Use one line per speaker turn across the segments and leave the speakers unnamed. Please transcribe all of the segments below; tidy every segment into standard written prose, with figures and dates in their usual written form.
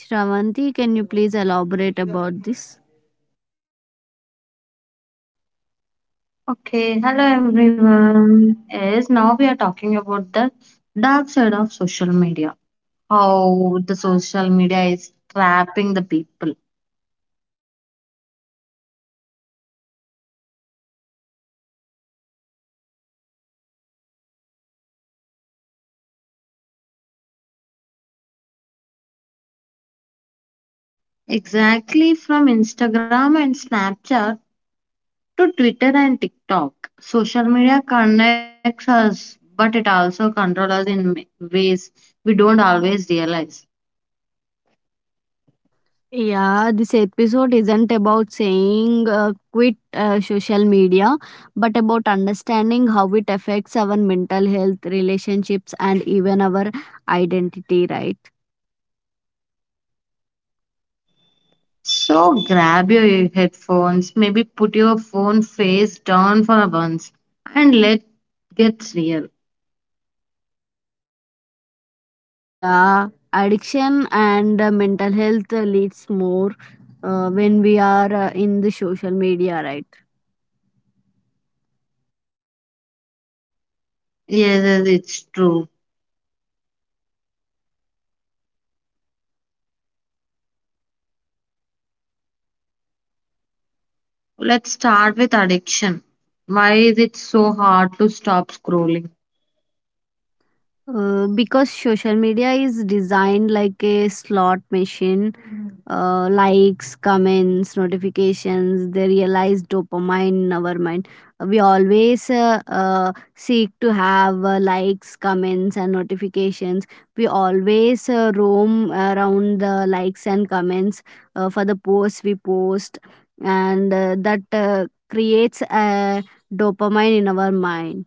Shravanti, can you please elaborate about this?
Okay, hello everyone. Yes, now we are talking about the dark side of social media. How the social media is trapping the people. Exactly from Instagram and Snapchat to Twitter and TikTok. Social media connects us, but it also controls us in ways we don't always realize.
Yeah, this episode isn't about saying quit social media but about understanding how it affects our mental health, relationships, and even our identity, right?
So grab your headphones, maybe put your phone face down for once, and let get real.
Yeah, addiction and mental health leads more when we are in the social media, right?
Yes, yes, it's true. Let's start with addiction. Why is it so hard to stop scrolling?
Because social media is designed like a slot machine, likes, comments, notifications, they realize dopamine in our mind. We always seek to have likes, comments, and notifications. We always roam around the likes and comments for the posts we post, and that creates a dopamine in our mind.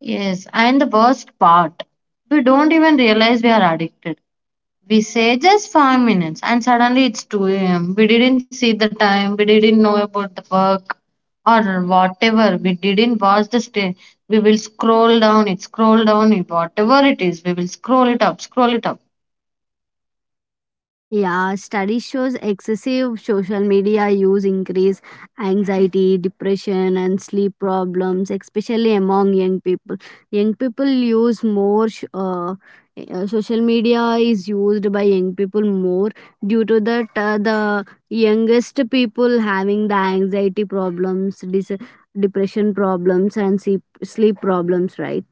Yes, and the worst part, we don't even realize we are addicted. We say just 5 minutes, and suddenly it's 2 a.m. We didn't see the time, we didn't know about the work or whatever. We didn't watch the stay. We will scroll down it, whatever it is. We will scroll it up, scroll it up.
Yeah, studies shows excessive social media use increase anxiety, depression, and sleep problems, especially among young people. Young people use more. Social media is used by young people more due to that, the youngest people having the anxiety problems, depression problems, and sleep problems. Right.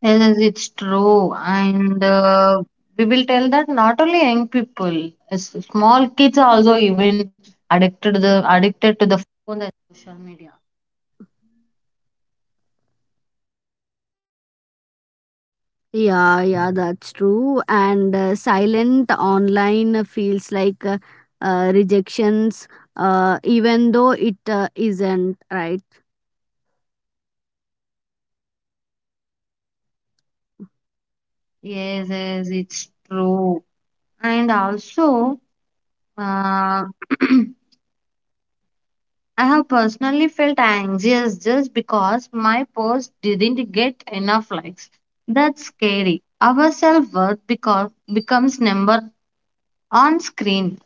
Yes, it's true. And we will tell that not only young people, as small kids are also even addicted the addicted
Yeah, yeah, that's true. And silent online feels like rejections, even though it isn't, right?
Yes, yes, it's true. And also, I have personally felt anxious just because my post didn't get enough likes. That's scary. Our self-worth because becomes number on screen.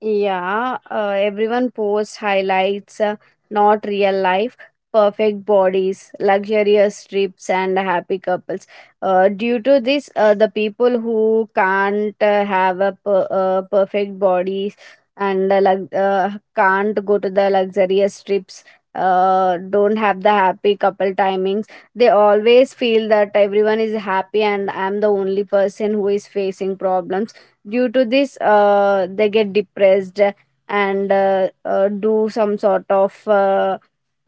Yeah, everyone posts highlights, not real life, perfect bodies, luxurious trips, and happy couples. Due to this, the people who can't have a perfect bodies and can't go to the luxurious trips. Don't have the happy couple timings. They always feel that everyone is happy and I'm the only person who is facing problems. Due to this, they get depressed and do some sort of uh,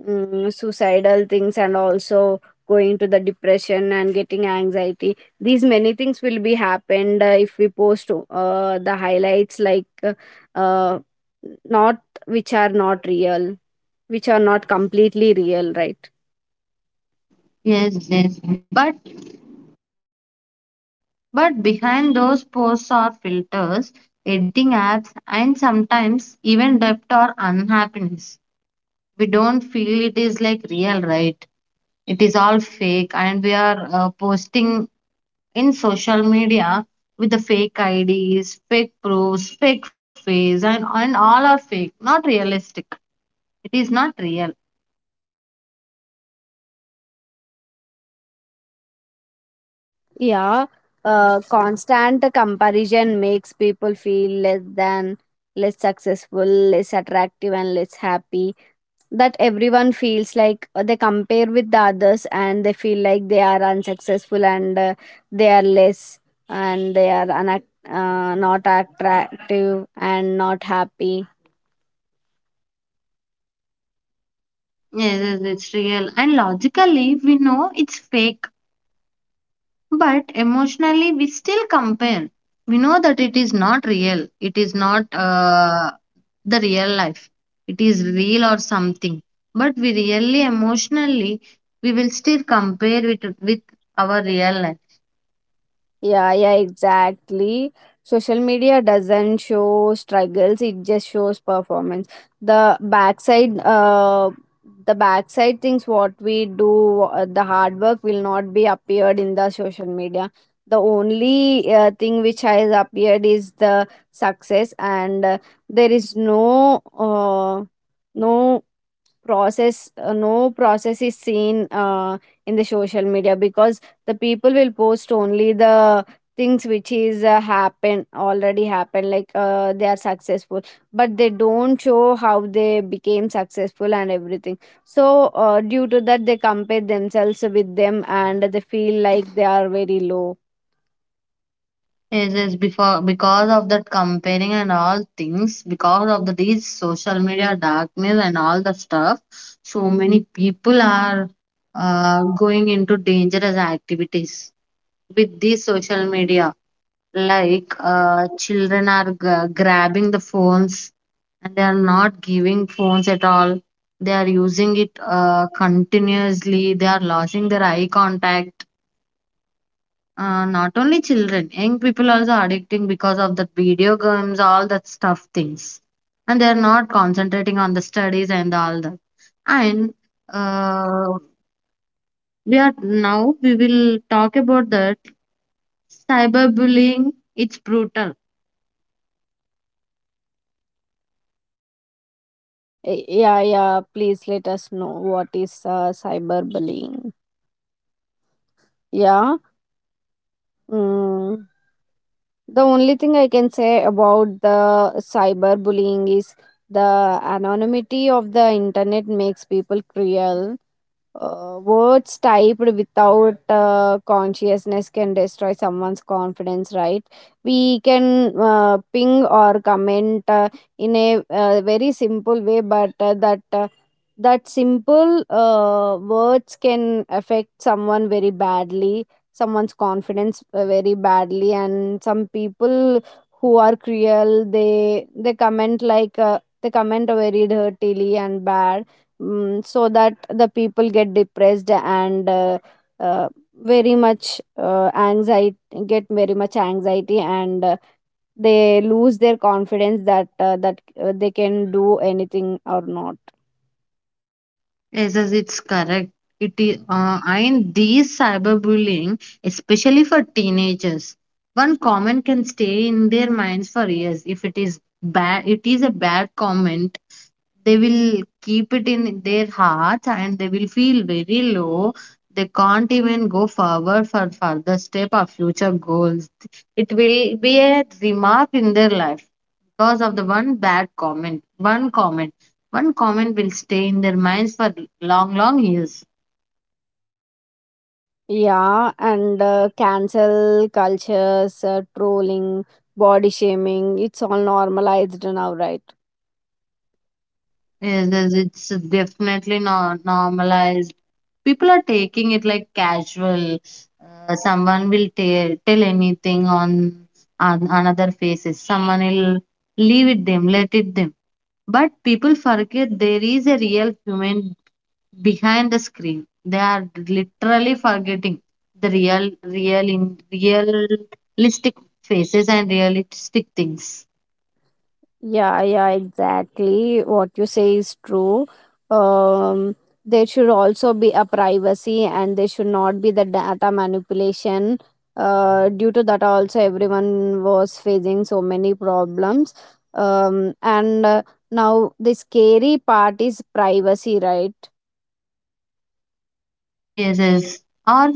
mm, suicidal things, and also going to the depression and getting anxiety. These many things will be happened if we post the highlights like uh, not, which are not real, which are not completely real, right?
Yes, yes. But behind those posts are filters, editing apps, and sometimes even debt or unhappiness. We don't feel it is like real, right? It is all fake, and we are posting in social media with the fake IDs, fake proofs, fake face, and all are fake, not realistic. It is not real.
Yeah, constant comparison makes people feel less than, less successful, less attractive, and less happy. That everyone feels like they compare with the others and they feel like they are unsuccessful, and they are less and they are not attractive and not happy.
Yes, yes, it's real. And logically, we know it's fake. But emotionally, we still compare. We know that it is not real. It is not the real life. It is real or something. But we really emotionally, we will still compare it with our real life.
Yeah, yeah, exactly. Social media doesn't show struggles, it just shows performance. The backside, uh, the backside things what we do, the hard work will not be appeared in the social media. The only thing which has appeared is the success, and there is no, no process, no process is seen in the social media, because the people will post only the things which is happen already happened, like they are successful but they don't show how they became successful and everything. So due to that they compare themselves with them and they feel like they are very low.
It is before because of that comparing and all things, because of these social media darkness and all the stuff, so many people are going into dangerous activities with these social media children are grabbing the phones, and they are not giving phones at all. They are using it continuously. They are losing their eye contact. Not only children, young people also addicting because of the video games, all that stuff things, and they are not concentrating on the studies and all that. And uh, we are now we will talk about that cyberbullying. It's brutal.
Yeah, yeah, please let us know what is cyberbullying. Yeah. Mm. The only thing I can say about the cyberbullying is the anonymity of the internet makes people cruel. Words typed without consciousness can destroy someone's confidence, right? We can ping or comment in a very simple way, but that simple words can affect someone very badly, someone's confidence very badly, and some people who are cruel, they comment like they comment very dirtily and bad. Mm, so that the people get depressed and uh, very much anxiety, get very much anxiety, and they lose their confidence, that they can do anything or not.
Yes, yes, it's correct. It is, and these cyberbullying, especially for teenagers, one comment can stay in their minds for years. If it is bad, it is a bad comment. They will keep it in their hearts, and they will feel very low. They can't even go forward for further step or future goals. It will be a remark in their life because of the one bad comment, one comment will stay in their minds for long, long years.
Yeah, and cancel cultures, trolling, body shaming, it's all normalized now, right?
Yes, yes, it's definitely not normalized. People are taking it like casual. Someone will tell anything on another faces. Someone will leave it them, let it them. But people forget there is a real human behind the screen. They are literally forgetting the realistic faces and realistic things.
Yeah, yeah, exactly. What you say is true. Um, there should also be a privacy and there should not be the data manipulation. Due to that, also everyone was facing so many problems. And Now the scary part is privacy, right?
Yes, yes. Or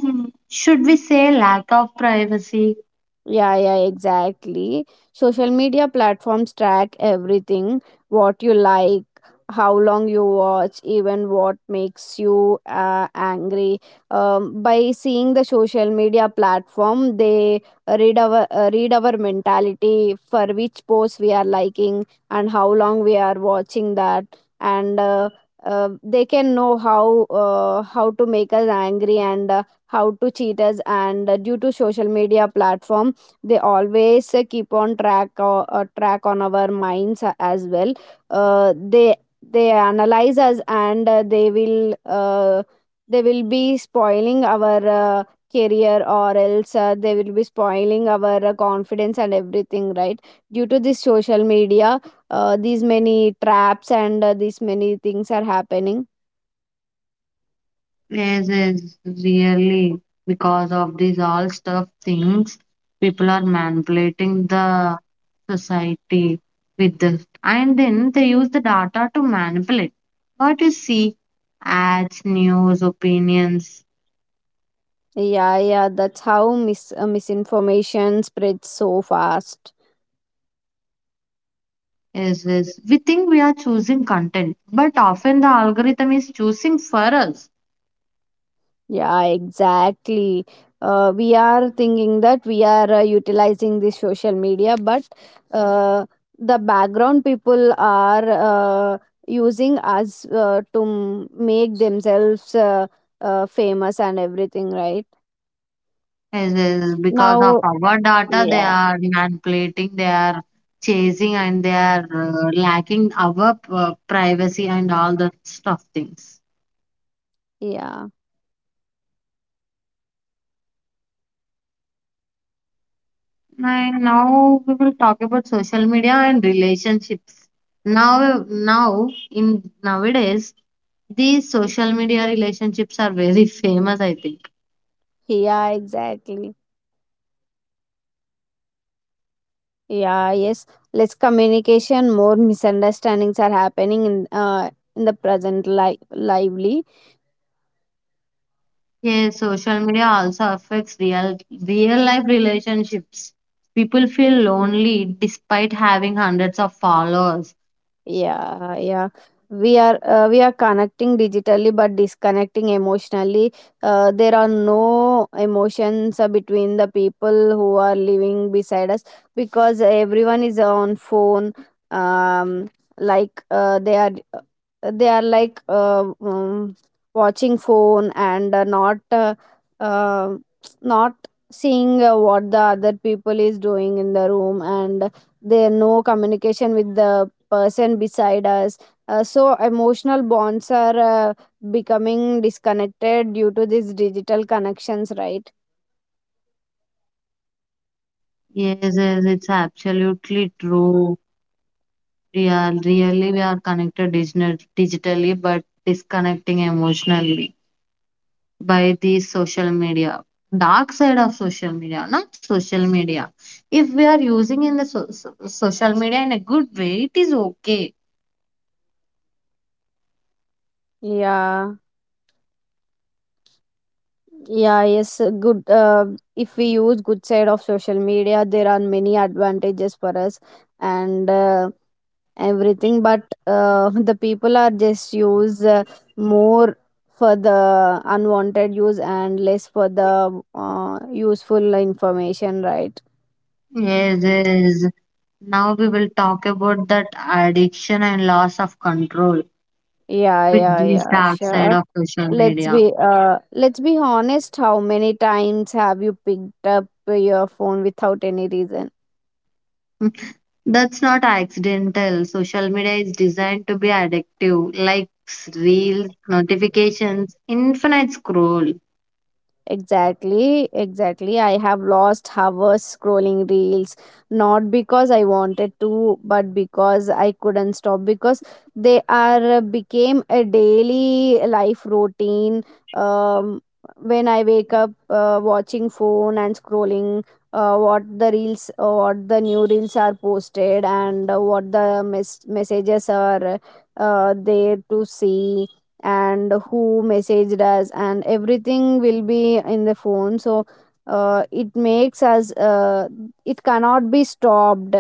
should we say lack of privacy?
Yeah, yeah, exactly. Social media platforms track everything: what you like, how long you watch, even what makes you angry. By seeing the social media platform, they read our mentality for which post we are liking and how long we are watching that, and they can know how, how to make us angry and how to cheat us. And due to social media platform, they always keep on track or track on our minds as well. Uh, they they analyze us and they will be spoiling our career, or else they will be spoiling our confidence and everything, right? Due to this social media, these many traps and these many things are happening.
Yes, yes. Really, because of these all stuff things, people are manipulating the society with this, and then they use the data to manipulate. What you see, ads, news, opinions.
Yeah, yeah, that's how misinformation spreads so fast.
Yes, yes. We think we are choosing content, but often the algorithm is choosing for us.
Yeah, exactly. We are thinking that we are utilizing this social media, but uh, the background people are using us make themselves famous and everything, right?
Yes, yes. Because of
Now,
our data, they
yeah,
are manipulating, they are chasing, and they are lacking our privacy and all the stuff things.
yeah,
And now we will talk about social media and relationships. Now, now in nowadays, these social media relationships are very famous, I think.
yeah, exactly. Yeah, yes. Less communication, more misunderstandings are happening in the present lively.
Yes, social media also affects real life relationships. People feel lonely despite having hundreds of followers.
Yeah, yeah. We are connecting digitally but disconnecting emotionally. There are no emotions between the people who are living beside us, because everyone is on phone. Um, like they are like watching phone and uh, not seeing what the other people is doing in the room, and there no communication with the person beside us. So emotional bonds are becoming disconnected due to these digital connections, right?
Yes, yes, it's absolutely true. We are really we are connected digitally but disconnecting emotionally by the social media. Dark side of social media, not social media. If we are using in the social media in a good way, it is okay.
Yeah, yeah, yes, good if we use good side of social media, there are many advantages for us and everything, but the people are just use more for the unwanted use and less for the useful information, right?
Yes, yes. Now we will talk about that addiction and loss of control
Yeah,
with
yeah,
this
yeah,
dark side
sure.
of social
Let's
media.
be honest, how many times have you picked up your phone without any reason?
That's not accidental. Social media is designed to be addictive, likes, reels, notifications, infinite scroll.
Exactly, exactly. I have lost hours scrolling reels, not because I wanted to, but because I couldn't stop, because they are became a daily life routine. Um, when I wake up, watching phone and scrolling, what the reels, what the new reels are posted, and what the messages are there to see and who messaged us, and everything will be in the phone. So it makes us, it cannot be stopped,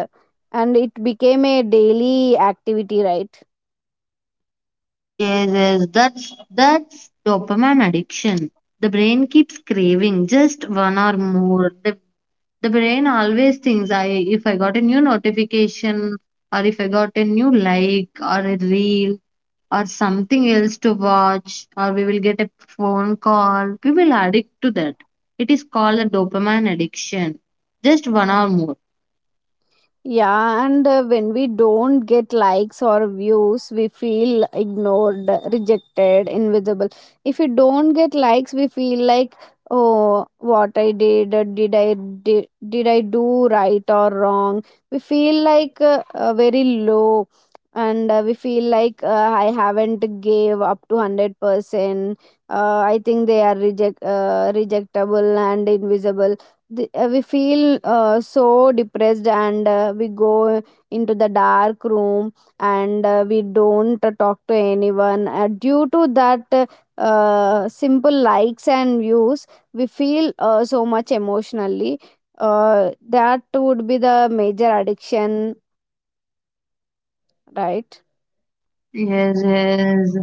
and it became a daily activity, right?
Yes, yes, that's dopamine addiction. The brain keeps craving just one or more. The brain always thinks I if I got a new notification, or if I got a new like or a reel or something else to watch, or we will get a phone call, we will addict to that. It is called the dopamine addiction, just one or more.
Yeah, and when we don't get likes or views, we feel ignored, rejected, invisible. If we don't get likes, we feel like, oh, what I did, did I do right or wrong? We feel like very low, and we feel like I haven't gave up to 100%. I think they are rejectable and invisible. We feel so depressed, and we go into the dark room, and we don't talk to anyone. Due to that Simple likes and views, we feel so much emotionally, uh, that would be the major addiction, right?
Yes, yes,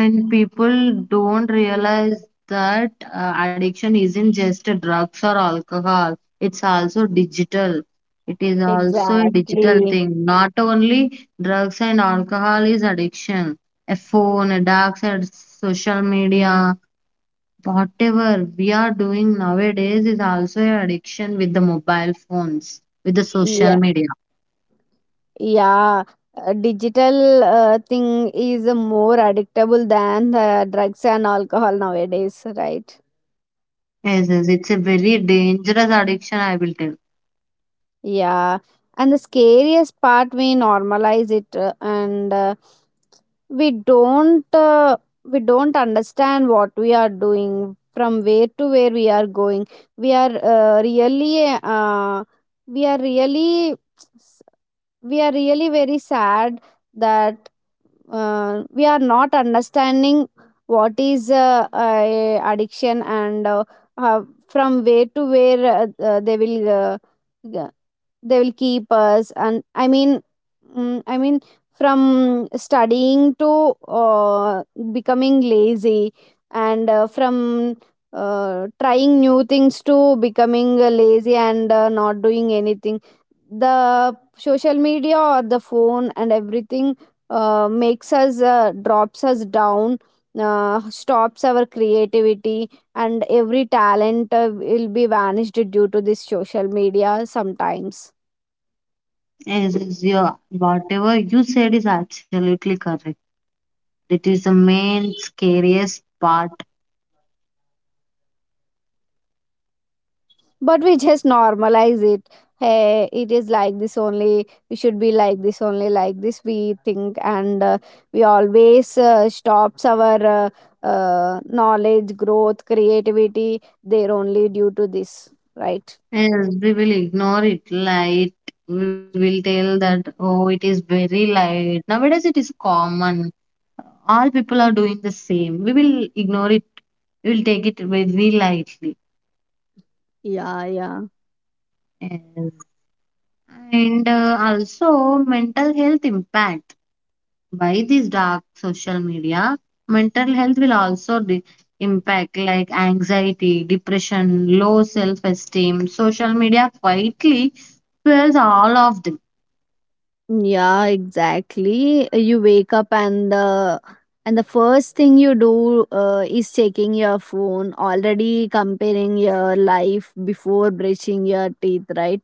and people don't realize that addiction isn't just a drugs or alcohol, it's also digital. It is also a digital
Exactly.
thing, not only drugs and alcohol is addiction. A phone, a dark side social media, whatever we are doing nowadays is also an addiction with the mobile phones, with the social
Yeah,
media.
yeah, digital thing is more addictable than drugs and alcohol nowadays, right?
Yes, yes, it's a very dangerous addiction, I will tell.
Yeah. And the scariest part, we normalize it, and we don't uh, we don't understand what we are doing, from where to where we are going. we are uh, really uh, we are really, we are really very sad, that we are not understanding what is addiction, and uh, from where to where, g- they will keep us. And I mean, from studying to uh, becoming lazy, and from trying new things to becoming lazy and not doing anything. The social media or the phone and everything, makes us, drops us down, stops our creativity, and every talent will be vanished due to this social media sometimes.
Yes, yes, yeah, whatever you said is absolutely correct. It is the main scariest part.
But we just normalize it. Hey, it is like this only, we should be like this only, like this we think, and we always stops our knowledge growth, creativity there only, due to this, right?
Yes, we will ignore it. Light, we will tell that, oh, it is very light. Nowadays, it is common. All people are doing the same. We will ignore it. We will take it very lightly.
Yeah, yeah.
Yes. And also mental health impact by this dark social media. Mental health will also impact like anxiety, depression, low self-esteem. Social media quietly fuels all of them.
Yeah, exactly. You wake up, and the first thing you do is checking your phone, already comparing your life before brushing your teeth, right?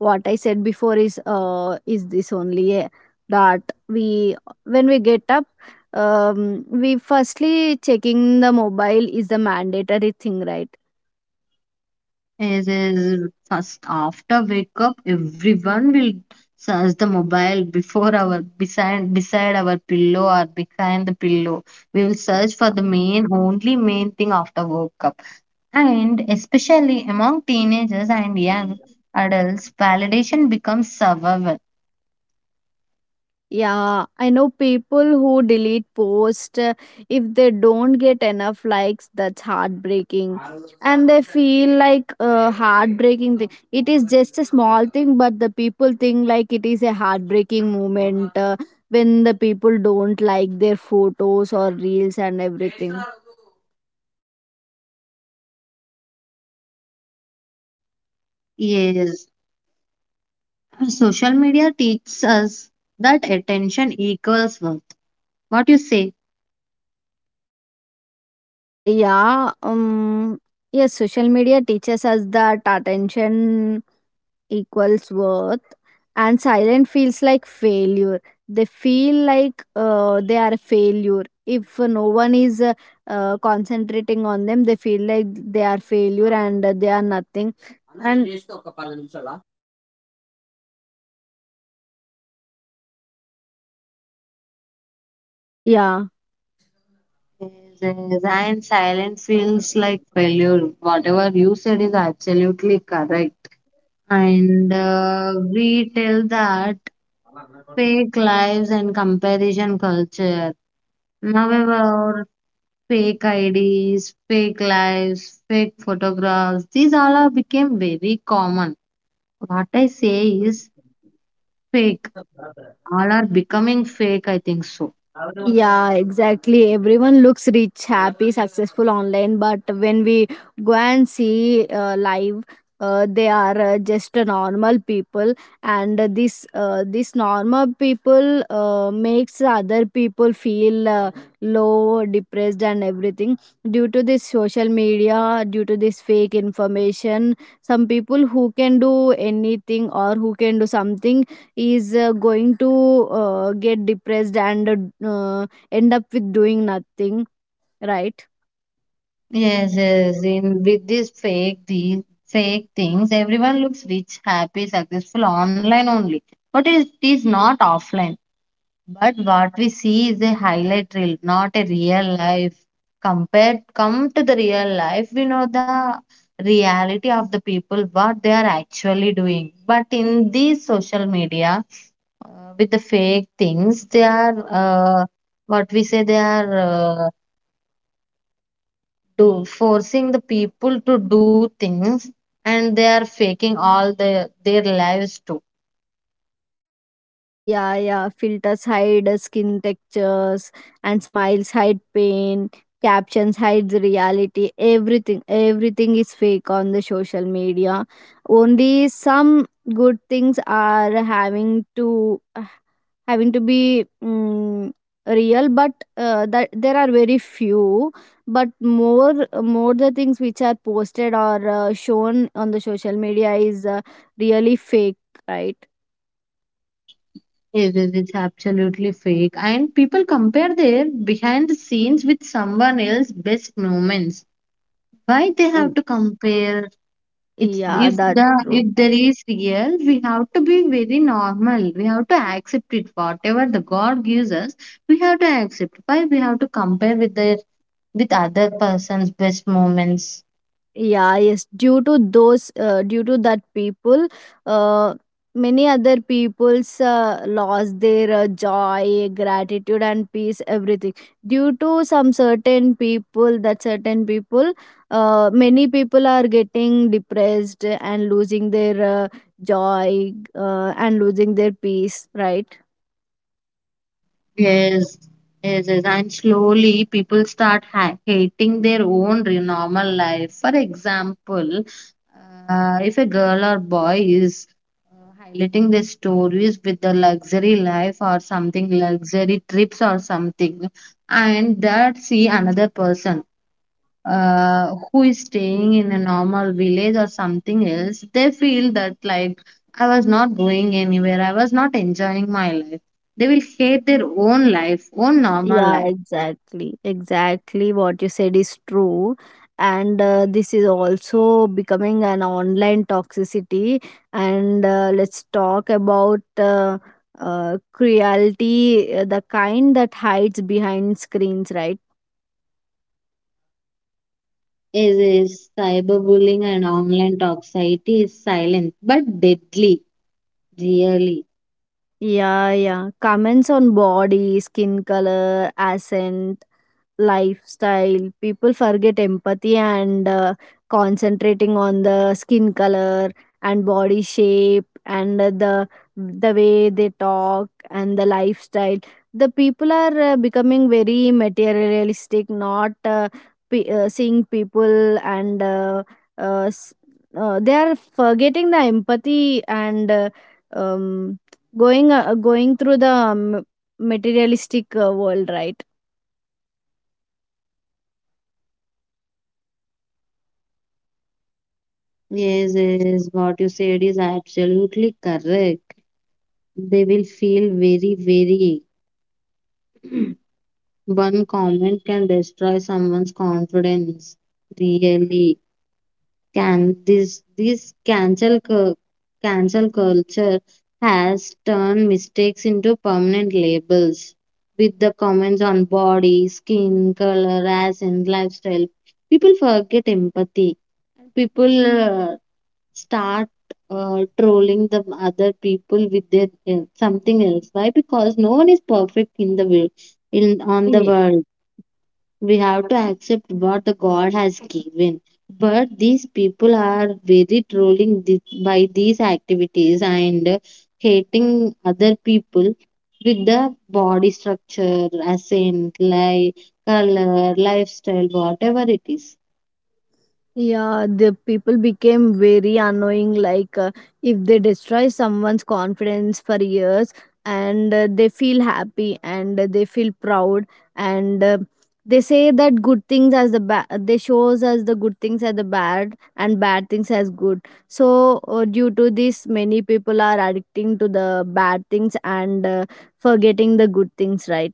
What I said before is this only, that we, when we get up, we firstly checking the mobile is the mandatory thing, right?
Is first after wake up, everyone will search the mobile before our beside our pillow or behind the pillow. We will search for the main thing after woke up. And especially among teenagers and young adults, validation becomes survival.
Yeah, I know people who delete posts if they don't get enough likes, that's heartbreaking. And they feel like a heartbreaking thing. It is just a small thing, but the people think like it is a heartbreaking moment when the people don't like their photos or reels and everything.
Yes. Social media teaches us that attention equals worth. What you say?
Yeah, um, yes, social media teaches us that attention equals worth and silent feels like failure. They feel like they are a failure if no one is concentrating on them. They feel like they are failure and they are nothing and yeah.
Yes, yes, and silent feels like failure. Whatever you said is absolutely correct. And we tell that fake lives and comparison culture. However, fake IDs, fake lives, fake photographs. These all are became very common. What I say is fake. All are becoming fake, I think so.
Yeah, exactly. Everyone looks rich, happy, successful online, but when we go and see live, they are just a normal people, and this normal people makes other people feel low, depressed, and everything due to this social media, due to this fake information. Some people who can do anything or who can do something is going to get depressed and end up with doing nothing, right?
Yes, yes. In with these fake things, everyone looks rich, happy, successful online only. But it is not offline. But what we see is a highlight reel, not a real life. Compared, come to the real life, we know the reality of the people, what they are actually doing. But in these social media, with the fake things, they are what we say they are uh, do forcing the people to do things, and they are faking all the their lives too.
Yeah. Filters hide skin textures and smiles hide pain, captions hide the reality. Everything, everything is fake on the social media. Only some good things are having to be real, but that there are very few. But more the things which are posted or shown on the social media is really fake, right?
It is, it's absolutely fake. And people compare their behind the scenes with someone else's best moments. Why they
Y-
have to compare? It's
yeah, that's true.
if there is real, we have to be very normal. We have to accept it. Whatever the God gives us, we have to accept. Why we have to compare with the with other person's best moments?
Yeah, yes. Due to that people, uh, many other people's lost their joy, gratitude and peace, everything due to some certain people. Many people are getting depressed and losing their joy and losing their peace, right?
Yes, yes, yes. And slowly people start hating their own normal life. For example, if a girl or boy is highlighting their stories with the luxury life or something, luxury trips or something, and that see another person who is staying in a normal village or something else, they feel that like I was not going anywhere, I was not enjoying my life. They will hate their own life, own normal
Yeah,
life.
exactly. Exactly what you said is true. And this is also becoming an online toxicity. And let's talk about cruelty, the kind that hides behind screens, right?
Is Cyberbullying and online toxicity is silent but deadly, really.
Yeah, yeah. Comments on body, skin color, accent, lifestyle. People forget empathy and concentrating on the skin color and body shape and the way they talk and the lifestyle. The people are becoming very materialistic, not seeing people and uh, s- they are forgetting the empathy and. Um Going going through the materialistic world, right?
Yes, yes. What you said is absolutely correct. They will feel very, very. One comment can destroy someone's confidence, really can this cancel cancel culture has turned mistakes into permanent labels with the comments on body, skin, color, race, and lifestyle. People forget empathy. People start trolling the other people with their something else. Why? Because no one is perfect in the world, in on the
Ye-
world, we have to accept what the God has given. But these people are very trolling by these activities and hating other people with the body structure, accent, like color, lifestyle, whatever it is.
Yeah, the people became very annoying. Like, if they destroy someone's confidence for years and they feel happy and they feel proud and they say that good things as the bad, they shows as the good things as the bad and bad things as good. So, due to this, many people are addicting to the bad things and forgetting the good things, right?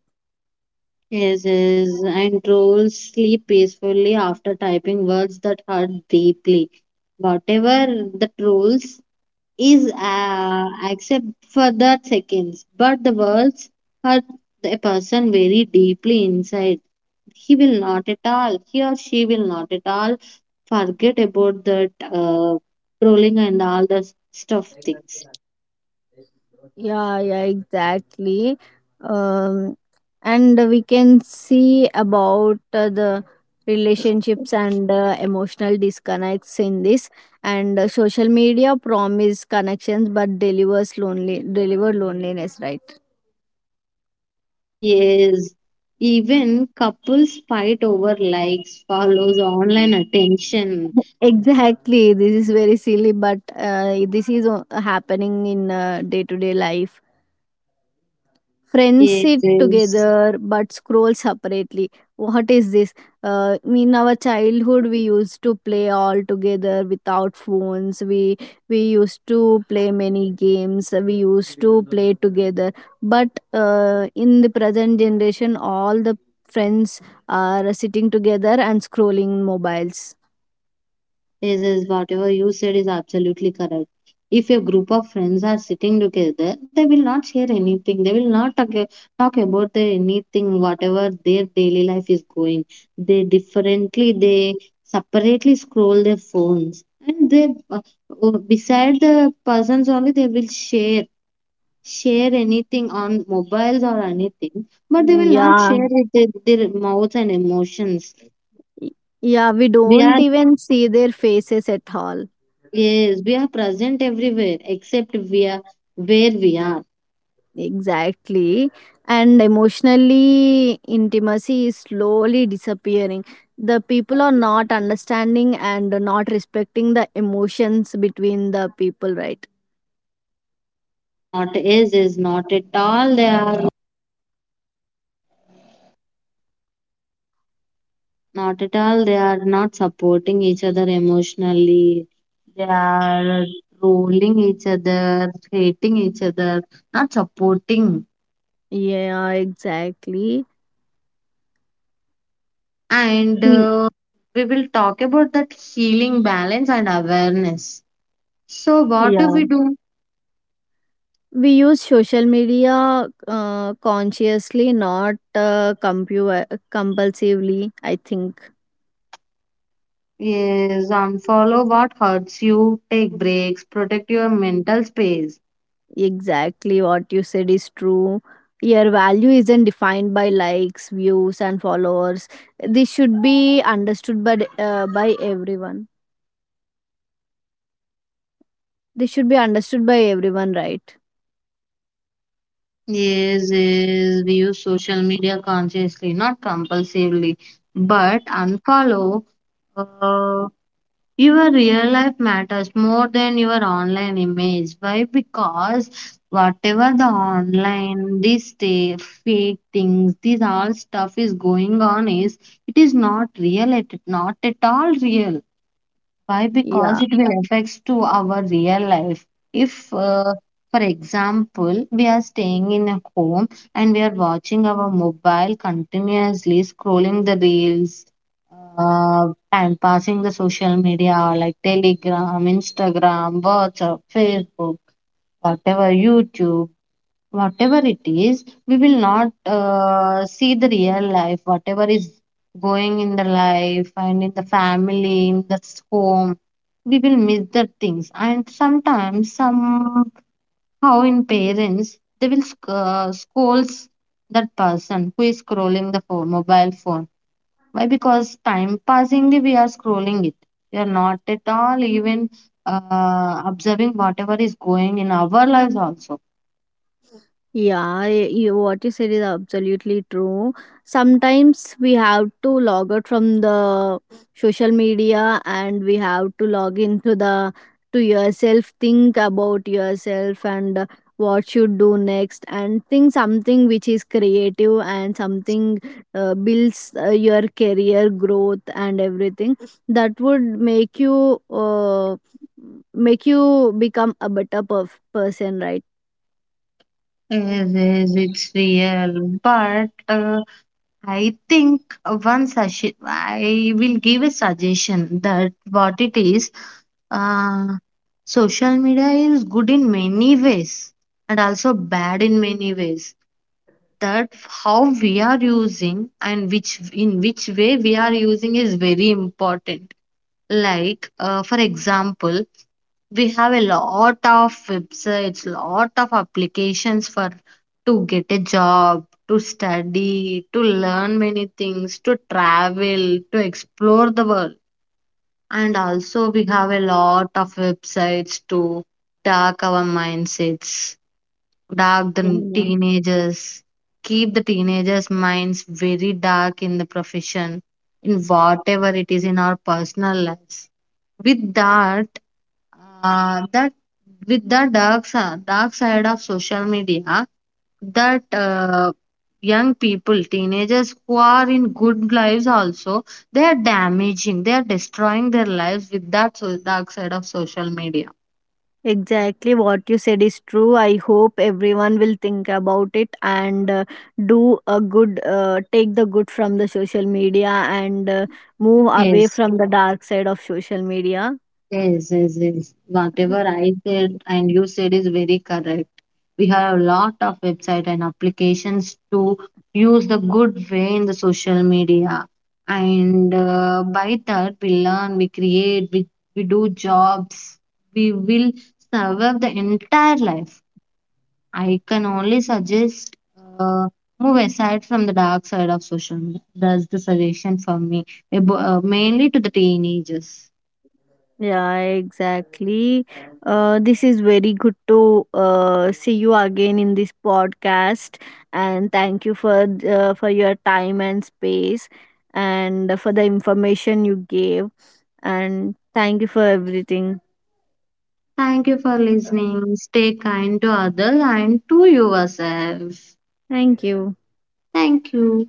Yes, yes, and trolls sleep peacefully after typing words that hurt deeply. Whatever the trolls is accept for that seconds, but the words hurt a person very deeply inside. He will not at all, he or she will not at all forget about that trolling and all the stuff things.
Yeah, yeah, exactly. Um, and we can see about the relationships and emotional disconnects in this. And social media promise connections but delivers lonely, deliver loneliness, right?
Yes, even couples fight over likes, follows, online attention.
Exactly. This is very silly, but this is happening in day to day life. Friends
Yes,
sit
yes.
together but scroll separately. What is this? In our childhood, we used to play all together without phones. We used to play many games. We used to play together. But in the present generation, all the friends are sitting together and scrolling mobiles.
Yes, yes, whatever you said is absolutely correct. If a group of friends are sitting together, they will not share anything. They will not talk about the anything, whatever their daily life is going. They differently, they separately scroll their phones, and they beside the persons only they will share anything on mobiles or anything, but they will not
Yeah,
share with their mouths and emotions.
yeah. We
We
don't
are.
even see their faces at all.
Yes, we are present everywhere except we are where we are.
Exactly. And emotionally, intimacy is slowly disappearing. The people are not understanding and not respecting the emotions between the people, right?
Is not is is Not at all they are not at all they are not supporting each other emotionally. They are trolling each other, hating each other, not supporting.
Yeah, exactly.
And
We-
we will talk about that healing balance and awareness. So what do
Yeah.
we do?
We use social media consciously, not compulsively, I think.
Yes, unfollow what hurts you, take breaks, protect your mental space.
Exactly what you said is true. Your value isn't defined by likes, views, and followers. This should be understood by everyone. This should be understood by everyone, right?
Yes, yes, we use social media consciously, not compulsively. But unfollow uh, your real life matters more than your online image. Why? Because whatever the online, this day, fake things, this all stuff is going on is it is not real. It is not at all real. Why?
Yeah.
Because it will affects to our real life. If, For example, we are staying in a home and we are watching our mobile continuously, scrolling the reels, time passing the social media like Telegram, Instagram, WhatsApp, Facebook, whatever, YouTube, whatever it is, we will not see the real life, whatever is going in the life and in the family, in the home. We will miss the things, and sometimes, somehow, in parents, they will scold that person who is scrolling the phone, mobile phone. Why? Because time passing, we are scrolling it. We are not at all even observing whatever is going in our lives also.
Yeah, what you said is absolutely true. Sometimes we have to log out from the social media and we have to log into the to yourself, think about yourself and what you do next, and think something which is creative and something builds your career growth and everything that would make you become a better person,
Yes, yes, it's real. But I think one suggestion, I will give a suggestion that what it is, uh, social media is good in many ways and also bad in many ways. That how we are using and which way we are using is very important. Like, for example, we have a lot of websites, lot of applications for to get a job, to study, to learn many things, to travel, to explore the world, and also we have a lot of websites to dark our mindsets, dark the
right?
teenagers, keep the teenagers minds very dark in the profession, in whatever it is, in our personal lives, with that with the dark side of social media. That young people, teenagers who are in good lives also, they are damaging, they are destroying their lives with that dark side of social media.
Exactly what you said is true. I hope everyone will think about it and do a good, take the good from the social media and move away
Yes.
from the dark side of social media.
Yes, yes, yes. Whatever I said and you said is very correct. We have a lot of website and applications to use the good way in the social media. And by that, we learn, we create, we do jobs. We will survive the entire life. I can only suggest uh, move aside from the dark side of social media. That's the suggestion for me, mainly to the teenagers.
Yeah, exactly. This is very good to see you again in this podcast, and thank you for your time and space, and for the information you gave, and thank you for everything.
Thank you for listening. Stay kind to others and to yourself.
Thank you.
Thank you.